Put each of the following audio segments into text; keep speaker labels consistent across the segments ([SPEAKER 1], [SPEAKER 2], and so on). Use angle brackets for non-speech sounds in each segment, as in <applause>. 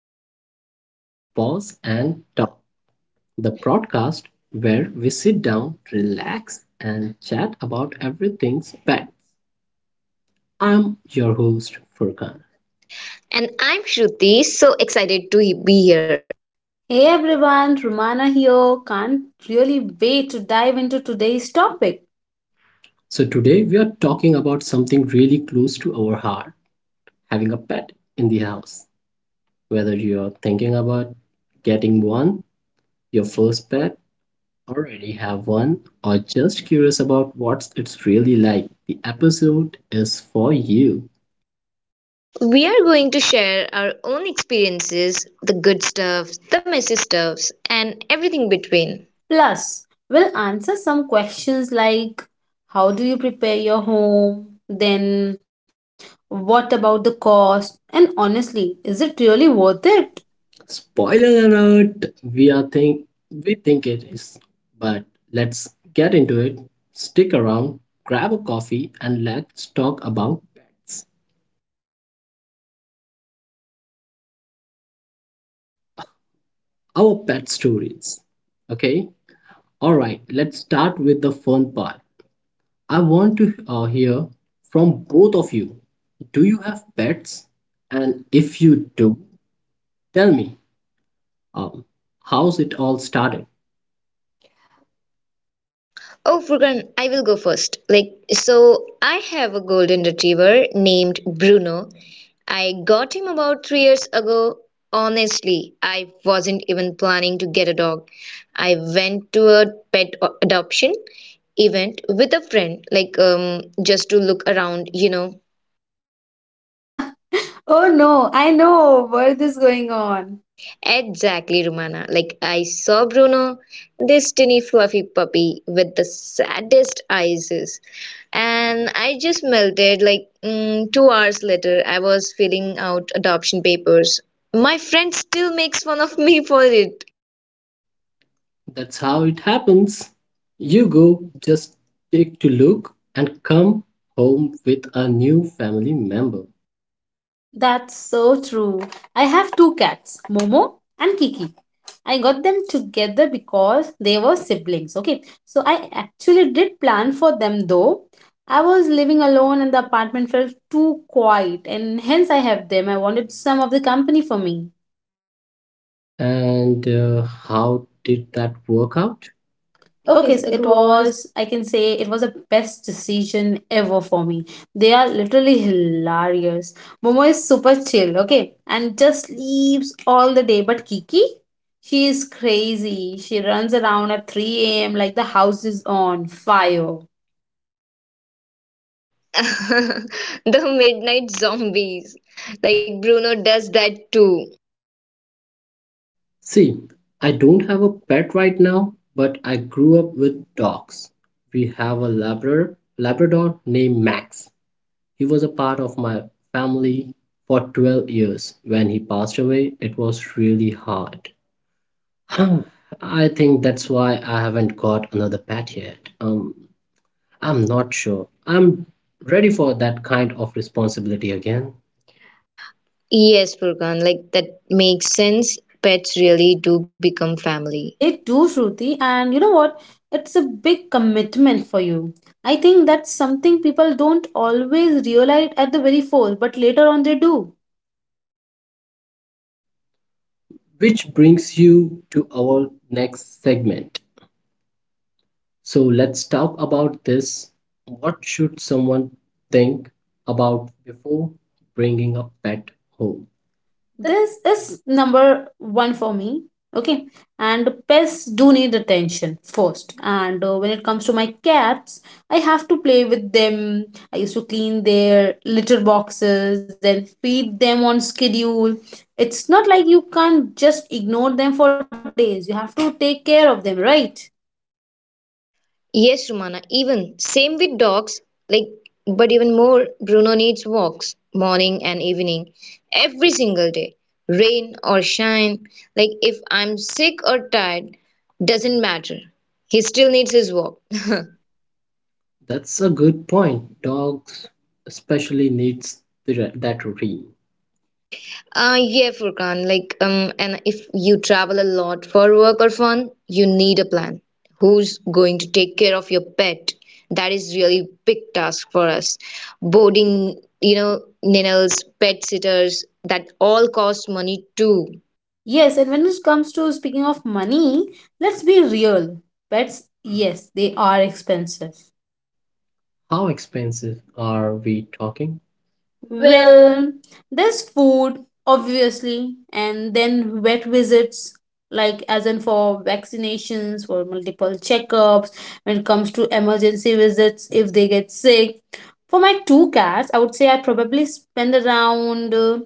[SPEAKER 1] episode of Pause and Talk, the podcast where we sit down, relax and chat about everything pets. I'm your host Furkan.
[SPEAKER 2] And I'm Shruti, so excited to be here.
[SPEAKER 3] Hey everyone, Romana here. Can't really wait to dive into today's topic.
[SPEAKER 1] So today we are talking about something really close to our heart, having a pet in the house. Whether you're thinking about getting one, your first pet already have one or just curious about what it's really like, the episode is for you.
[SPEAKER 2] We are going to share our own experiences the good stuff, the messy stuffs, and everything between.
[SPEAKER 3] Plus, we'll answer some questions like how do you prepare your home? Then, what about the cost? And honestly, is it really worth it?
[SPEAKER 1] Spoiler alert! We think it is, but let's get into it. Stick around, grab a coffee, and let's talk about pets. Our pet stories. Okay. All right. Let's start with the fun part. I want to hear from both of you. Do you have pets? And if you do, tell me um, how's it all started.
[SPEAKER 2] Oh, Furkan, I will go first. Like, so I have a golden retriever named Bruno. I got him about 3 years ago. Honestly, I wasn't even planning to get a dog. I went to a pet adoption event with a friend, like just to look around.
[SPEAKER 3] <laughs> Oh no, I know where this is going on.
[SPEAKER 2] Exactly, Romana. Like, I saw Bruno, this tiny fluffy puppy with the saddest eyes, and I just melted. Like, 2 hours later, I was filling out adoption papers. My friend still makes fun of me for it.
[SPEAKER 1] That's how it happens. You go, just take to look, and come home with a new family member.
[SPEAKER 3] That's so true. I have two cats, Momo and Kiki. I got them together because they were siblings. Okay, so I actually did plan for them though. I was living alone and the apartment felt too quiet, and hence I have them. I wanted some of the company for me.
[SPEAKER 1] And how did that work out? Okay,
[SPEAKER 3] Okay,
[SPEAKER 1] so
[SPEAKER 3] so
[SPEAKER 1] it
[SPEAKER 3] it
[SPEAKER 1] was.
[SPEAKER 3] was, I can say, it was the best decision ever for me. They are literally hilarious. Momo is super chill, okay, and just sleeps all the day. But Kiki, she is crazy. She runs around at 3 a.m. like the house is on fire.
[SPEAKER 2] <laughs> The midnight zombies. Like, Bruno does that too.
[SPEAKER 1] See, I don't have a pet right now, but I grew up with dogs. We have a Labrador named Max. He was a part of my family for 12 years. When he passed away, it was really hard. Huh, I think that's why I haven't got another pet yet. I'm not sure. I'm ready for that kind of responsibility again.
[SPEAKER 2] Yes, Furkan, like, that makes sense. Pets really do become family.
[SPEAKER 3] They do, Shruti, and you know what? It's a big commitment for you. I think that's something people don't always realize at the very first, but later on they do.
[SPEAKER 1] Which brings you to our next segment. So let's talk about this. What should someone think about before bringing a pet home? That-
[SPEAKER 3] This is number one for me. Okay, and pests do need attention first. And when it comes to my cats, I have to play with them. I used to clean their litter boxes, then feed them on schedule. It's not like you can't just ignore them for days. You have to take care of them, right?
[SPEAKER 2] Yes, Romana. Even same with dogs, like but even more Bruno needs walks morning and evening every single day, rain or shine. Like if I'm sick or tired, doesn't matter. He still needs his walk.
[SPEAKER 1] That's a good point. Dogs especially needs that routine.
[SPEAKER 2] Yeah, Furkan, like, and if you travel a lot for work or fun, you need a plan. Who's going to take care of your pet? That is really big task for us. Boarding, kennels, pet sitters, that all cost money too.
[SPEAKER 3] Yes, and when it comes to speaking of money, let's be real. Pets, yes, they are expensive.
[SPEAKER 1] How expensive are we talking? Well.
[SPEAKER 3] Well, there's food, obviously, and then vet visits, like as in for vaccinations, for multiple checkups, when it comes to emergency visits if they get sick. For my two cats, I would say I probably spend around,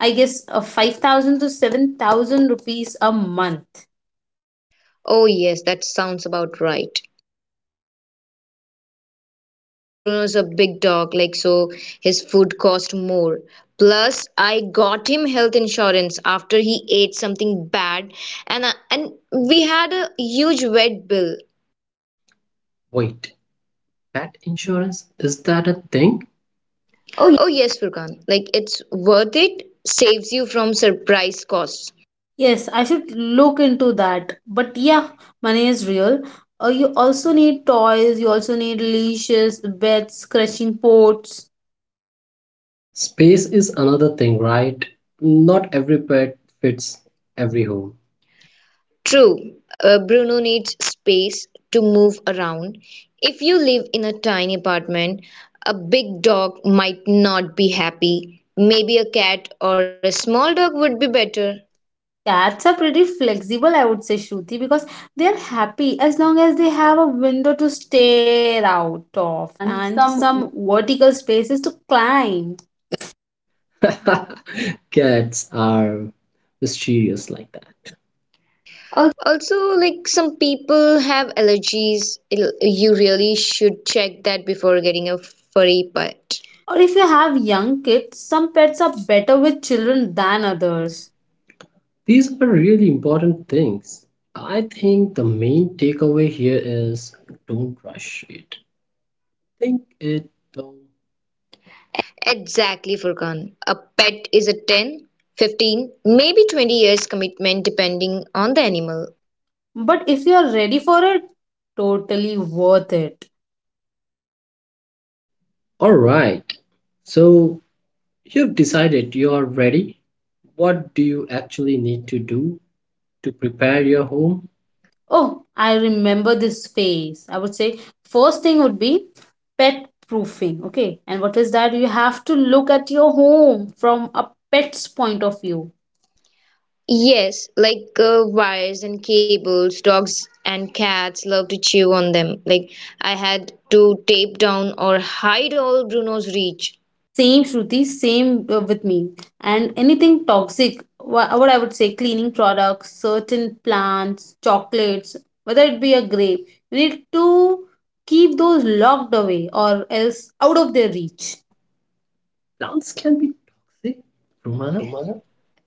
[SPEAKER 3] I guess, 5,000 to 7,000 rupees a month.
[SPEAKER 2] Oh yes, that sounds about right. Bruno's a big dog, like so his food cost more. Plus, I got him health insurance after he ate something bad, and we had a huge vet bill.
[SPEAKER 1] Wait, pet insurance? Is that a thing? Oh.
[SPEAKER 2] Oh yes, Furkan, like it's worth it. Saves you from surprise costs.
[SPEAKER 3] Yes, I should look into that. But yeah, money is real. You also need toys, you also need leashes, beds, scratching pots.
[SPEAKER 1] Space is another thing, right? Not every pet fits every home.
[SPEAKER 2] True, Bruno needs space to move around. If you live in a tiny apartment, a big dog might not be happy. Maybe a cat or a small dog would be better.
[SPEAKER 3] Cats are pretty flexible, I would say, Shruti, because they are happy as long as they have a window to stare out of
[SPEAKER 1] And
[SPEAKER 3] and some
[SPEAKER 1] some.
[SPEAKER 3] vertical spaces to climb.
[SPEAKER 1] <laughs> Cats are mysterious like that.
[SPEAKER 2] Also, like some people have allergies. You really should check that before getting a furry pet.
[SPEAKER 3] Or if you have young kids, some pets are better with children than
[SPEAKER 1] Others.
[SPEAKER 3] others.
[SPEAKER 1] These are really important things. I think the main takeaway here is don't rush it. Think it through.
[SPEAKER 2] Exactly, Furkan. A pet is a 10, 15, maybe 20 years commitment depending on the animal.
[SPEAKER 3] But if you are ready for it, totally worth it.
[SPEAKER 1] All right. So you've decided you're ready. What do you actually need to do to prepare your home?
[SPEAKER 3] Oh, I remember this phase. I would say first thing would be pet proofing. Okay. And what is that? You have to look at your home from a pet's point of view.
[SPEAKER 2] Yes, like wires and cables, dogs and cats love to chew on them. Like I had to tape down or hide all Bruno's reach.
[SPEAKER 3] Same Shruti, same with me. And anything toxic, what I would say, cleaning products, certain plants, chocolates, whether it be a grape, you need to keep those locked away or else out of their
[SPEAKER 1] Each.
[SPEAKER 3] reach.
[SPEAKER 1] Plants can be toxic, Romana.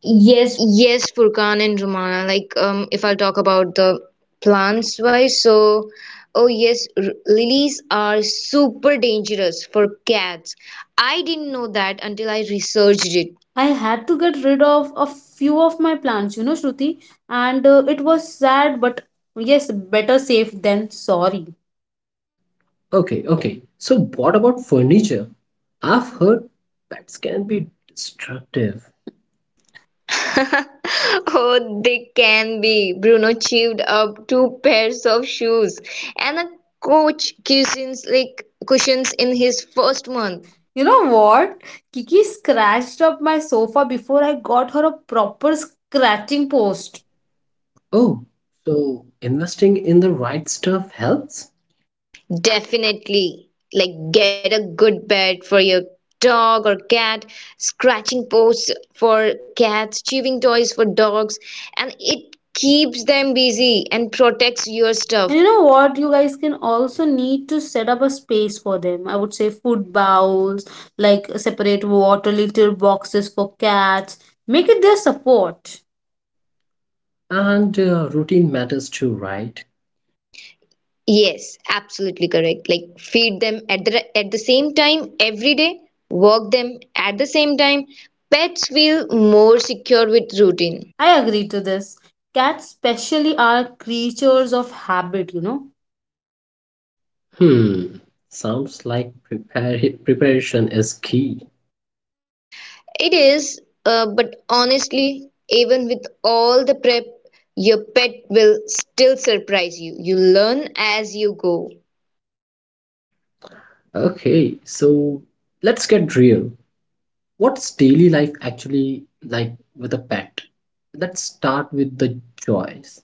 [SPEAKER 1] Yes.
[SPEAKER 2] Yes, Furkan and Romana. Like, if I'll talk about the plants wise, so oh yes, lilies are super dangerous for cats. I didn't know that until I researched it. <laughs>
[SPEAKER 3] I had to get rid of a few of my plants, you know, Shruti, and it was sad, but yes, better safe than sorry.
[SPEAKER 1] Okay, okay. So, what about furniture? I've heard pets can be destructive.
[SPEAKER 2] Oh, they can be. Bruno chewed up two pairs of shoes and a coach cushions like cushions in his first month.
[SPEAKER 3] You know what? Kiki scratched up my sofa before I got her a proper scratching post.
[SPEAKER 1] Oh, so investing in the right stuff helps?
[SPEAKER 2] Definitely. Like, get a good bed for your dog or cat, scratching posts for cats, chewing toys for dogs, and it keeps them busy and protects your stuff.
[SPEAKER 3] And you know what? You guys can also need to set up a space for them. I would say food bowls, like separate water litter boxes for cats. Make it their support.
[SPEAKER 1] And routine matters too, right?
[SPEAKER 2] Yes, absolutely correct. Like, feed them at the same time every day, walk them at the same time. Pets feel more secure with routine.
[SPEAKER 3] I agree to this. Cats, specially, are creatures of habit, you know.
[SPEAKER 1] Hmm, sounds like preparation is key.
[SPEAKER 2] It is, but honestly, even with all the prep, your pet will still surprise you. You learn as you go.
[SPEAKER 1] Okay, so let's get real. What's daily life actually like with a pet? Let's start with the joys.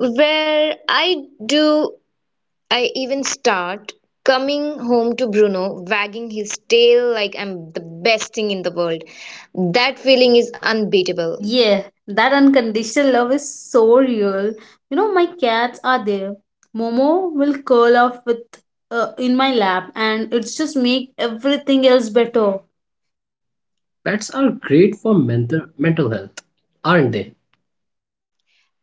[SPEAKER 2] Where I do, I even start coming home to Bruno, wagging his tail like I'm the best thing in the world. That feeling is unbeatable.
[SPEAKER 3] Yeah, that unconditional love is so real. You know, my cats are there. Momo will curl up with in my lap, and it's just make everything else better.
[SPEAKER 1] Pets are great for mental health, aren't they?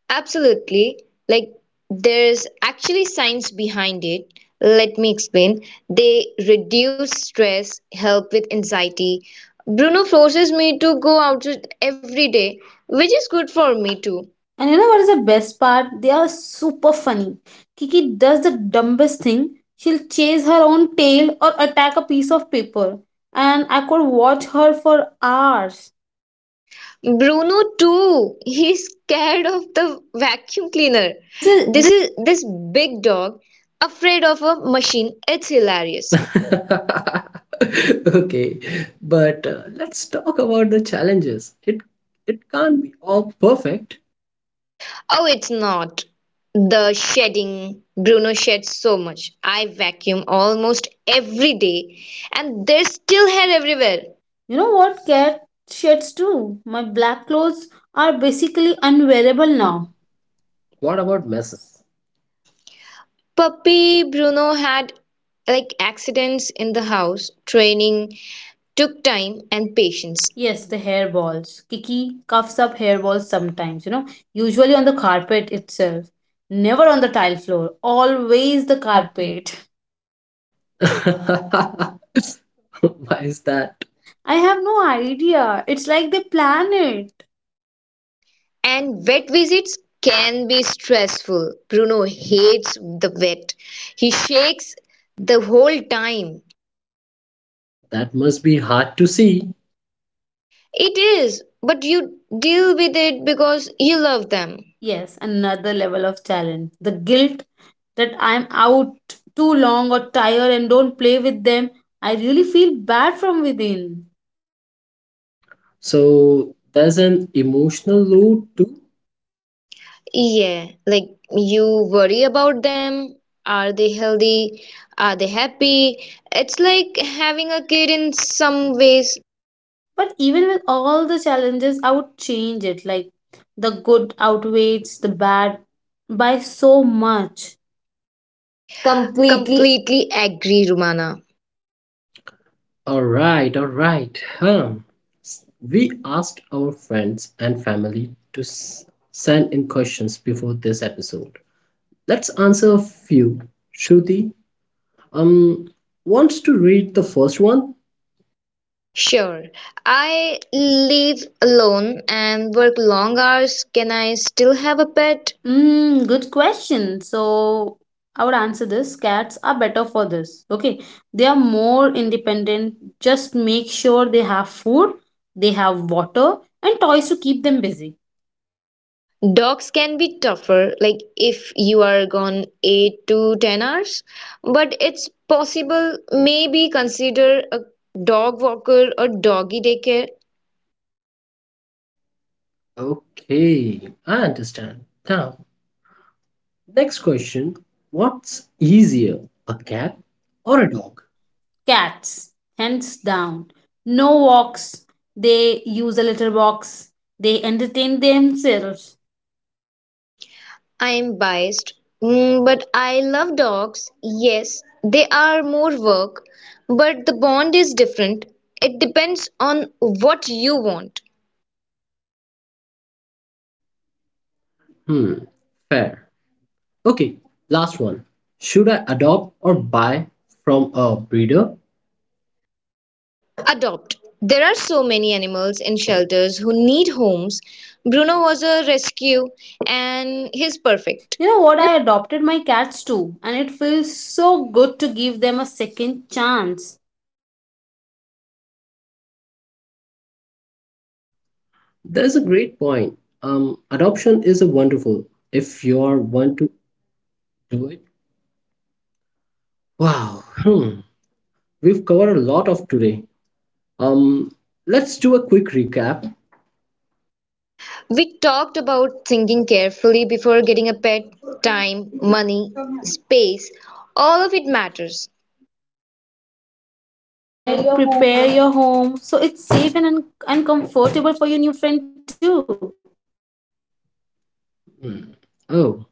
[SPEAKER 2] Absolutely. Like, there's actually science behind it. Let me explain. They reduce stress, help with anxiety. Bruno forces me to go out every day, which is good for me too.
[SPEAKER 3] And you know what is the best part? They are super funny. Kiki does the dumbest thing. She'll chase her own tail or attack a piece of paper, and I could watch her for hours.
[SPEAKER 2] Bruno too. He's scared of the vacuum cleaner.
[SPEAKER 1] <laughs> This is
[SPEAKER 2] This big dog afraid of a machine. It's
[SPEAKER 1] this yes.
[SPEAKER 2] hilarious.
[SPEAKER 1] <laughs> Okay, but let's talk about the challenges. It can't be all perfect.
[SPEAKER 2] Oh, it's not. The shedding. Bruno sheds so much. I vacuum almost every day, and there's still hair everywhere.
[SPEAKER 3] You know what cat sheds do? My black clothes are basically unwearable
[SPEAKER 1] Well
[SPEAKER 3] now.
[SPEAKER 1] now. What about messes?
[SPEAKER 2] Puppy Bruno had like accidents in the house. Training took time and patience.
[SPEAKER 3] Yes, the hairballs. Kiki cuffs up hairballs sometimes, you know, usually on the carpet itself. Never on the tile floor,
[SPEAKER 1] <laughs> Is
[SPEAKER 3] always
[SPEAKER 1] the
[SPEAKER 3] the
[SPEAKER 1] carpet.
[SPEAKER 3] carpet.
[SPEAKER 1] <laughs> Why is that?
[SPEAKER 3] <laughs> I have no idea. It's like they plan it.
[SPEAKER 2] And vet visits can be stressful. Bruno hates the vet. He shakes the whole time.
[SPEAKER 1] That must be hard to see.
[SPEAKER 2] It is, but you deal with it because you love them.
[SPEAKER 3] Yes, another level of challenge. The guilt that I'm out too long or tired and don't play with them. I really feel bad from within.
[SPEAKER 1] So there's an emotional load too.
[SPEAKER 2] Yeah, like you worry about them. Are they healthy? Are they happy? It's like having a kid in some ways.
[SPEAKER 3] But even with all the challenges, I would change it. Like the good outweighs the bad by so much.
[SPEAKER 1] Completely.
[SPEAKER 2] Completely agree, Rumana.
[SPEAKER 1] All right, all right. Huh. We asked our friends and family to send in questions before this episode. Let's answer a few. Shruti, um, wants to read the first one?
[SPEAKER 2] Sure, I live alone and work long hours. Can I still have a pet?
[SPEAKER 3] Mm, good question. So I would answer this. Cats are better for this. Okay. They are more independent. Just make sure they have food, they have water, and toys to keep them busy.
[SPEAKER 2] Dogs can be tougher, like if you are gone 8 to 10 hours, but it's possible. Maybe consider a dog walker or doggy daycare.
[SPEAKER 1] Okay, I understand. Now, next question. What's easier, a cat or a dog?
[SPEAKER 3] Cats, hands down. No walks. They use a litter box. They entertain themselves.
[SPEAKER 2] I am biased, but I love dogs. Yes, they are more work, but the bond is different. It depends on what you want.
[SPEAKER 1] Hmm, fair. Okay, last one. Should I adopt or buy from a breeder?
[SPEAKER 2] Adopt. There are so many animals in shelters who need homes. Bruno was a rescue and he's perfect.
[SPEAKER 3] You know what? I adopted my cats too, and it feels so good to give them a second chance.
[SPEAKER 1] That's a great point. Adoption is a wonderful if you are want to do it. Wow, hmm, we've covered a lot of today. Um, let's do a quick recap.
[SPEAKER 2] We talked about thinking carefully before getting a pet, time, money, space, all of it matters.
[SPEAKER 3] How
[SPEAKER 1] Prepare
[SPEAKER 3] to
[SPEAKER 1] your home.
[SPEAKER 3] prepare your home so it's safe and, and comfortable for your new friend too.
[SPEAKER 1] Hmm. Oh,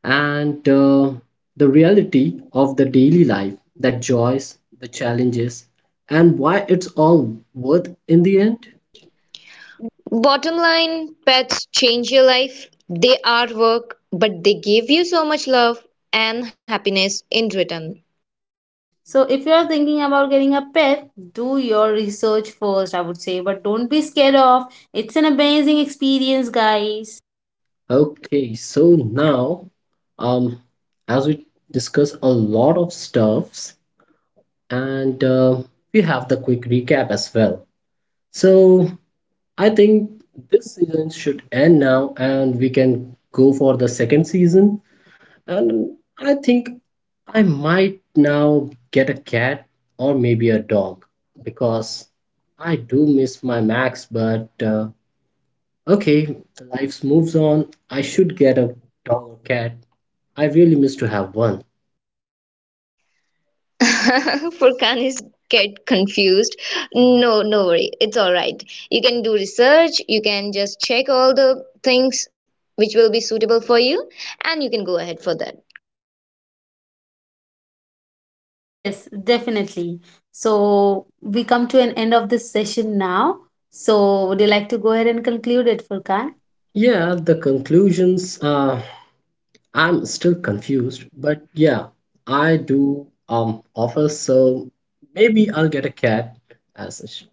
[SPEAKER 1] and the reality of the daily life, the joys, the challenges, and why it's all worth in the end.
[SPEAKER 2] Bottom line, pets change your life. They are work, but they give you so much love and happiness in return.
[SPEAKER 3] So, if you are thinking about getting a pet, do your research first, I would say, but don't be scared off. It's an amazing experience, guys.
[SPEAKER 1] Okay, so now, um, as we discuss a lot of stuffs, and we have the quick recap as well. So I think this season should end now, and we can go for the second season. And I think I might now get a cat or maybe a dog because I do miss my Max, but okay, the life moves on. I should get a dog or cat. I really miss to have one.
[SPEAKER 2] <laughs> Furkan is get confused. No, no worry. It's all right. You can do research, you can just check all the things which will be suitable for you, and you can go ahead for that.
[SPEAKER 3] Yes, definitely. So, we come to an end of this session now. So, would you like to go ahead and conclude it, Furkan?
[SPEAKER 1] Yeah, the conclusions. I'm still confused, but yeah, I do offer. So maybe I'll get a cat, as sh-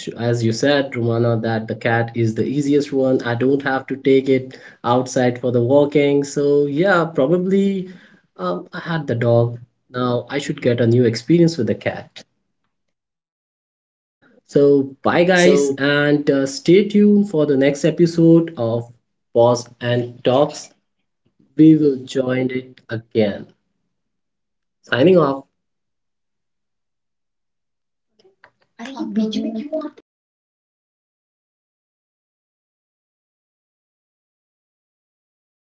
[SPEAKER 1] sh- as you said, Romana, that the cat is the easiest one. I don't have to take it outside for the walking. So yeah, probably I had the dog. Now I should get a new experience with the cat. So, bye guys, and stay tuned for the next episode of Pause and Talks. We will join it again. Signing off. <laughs>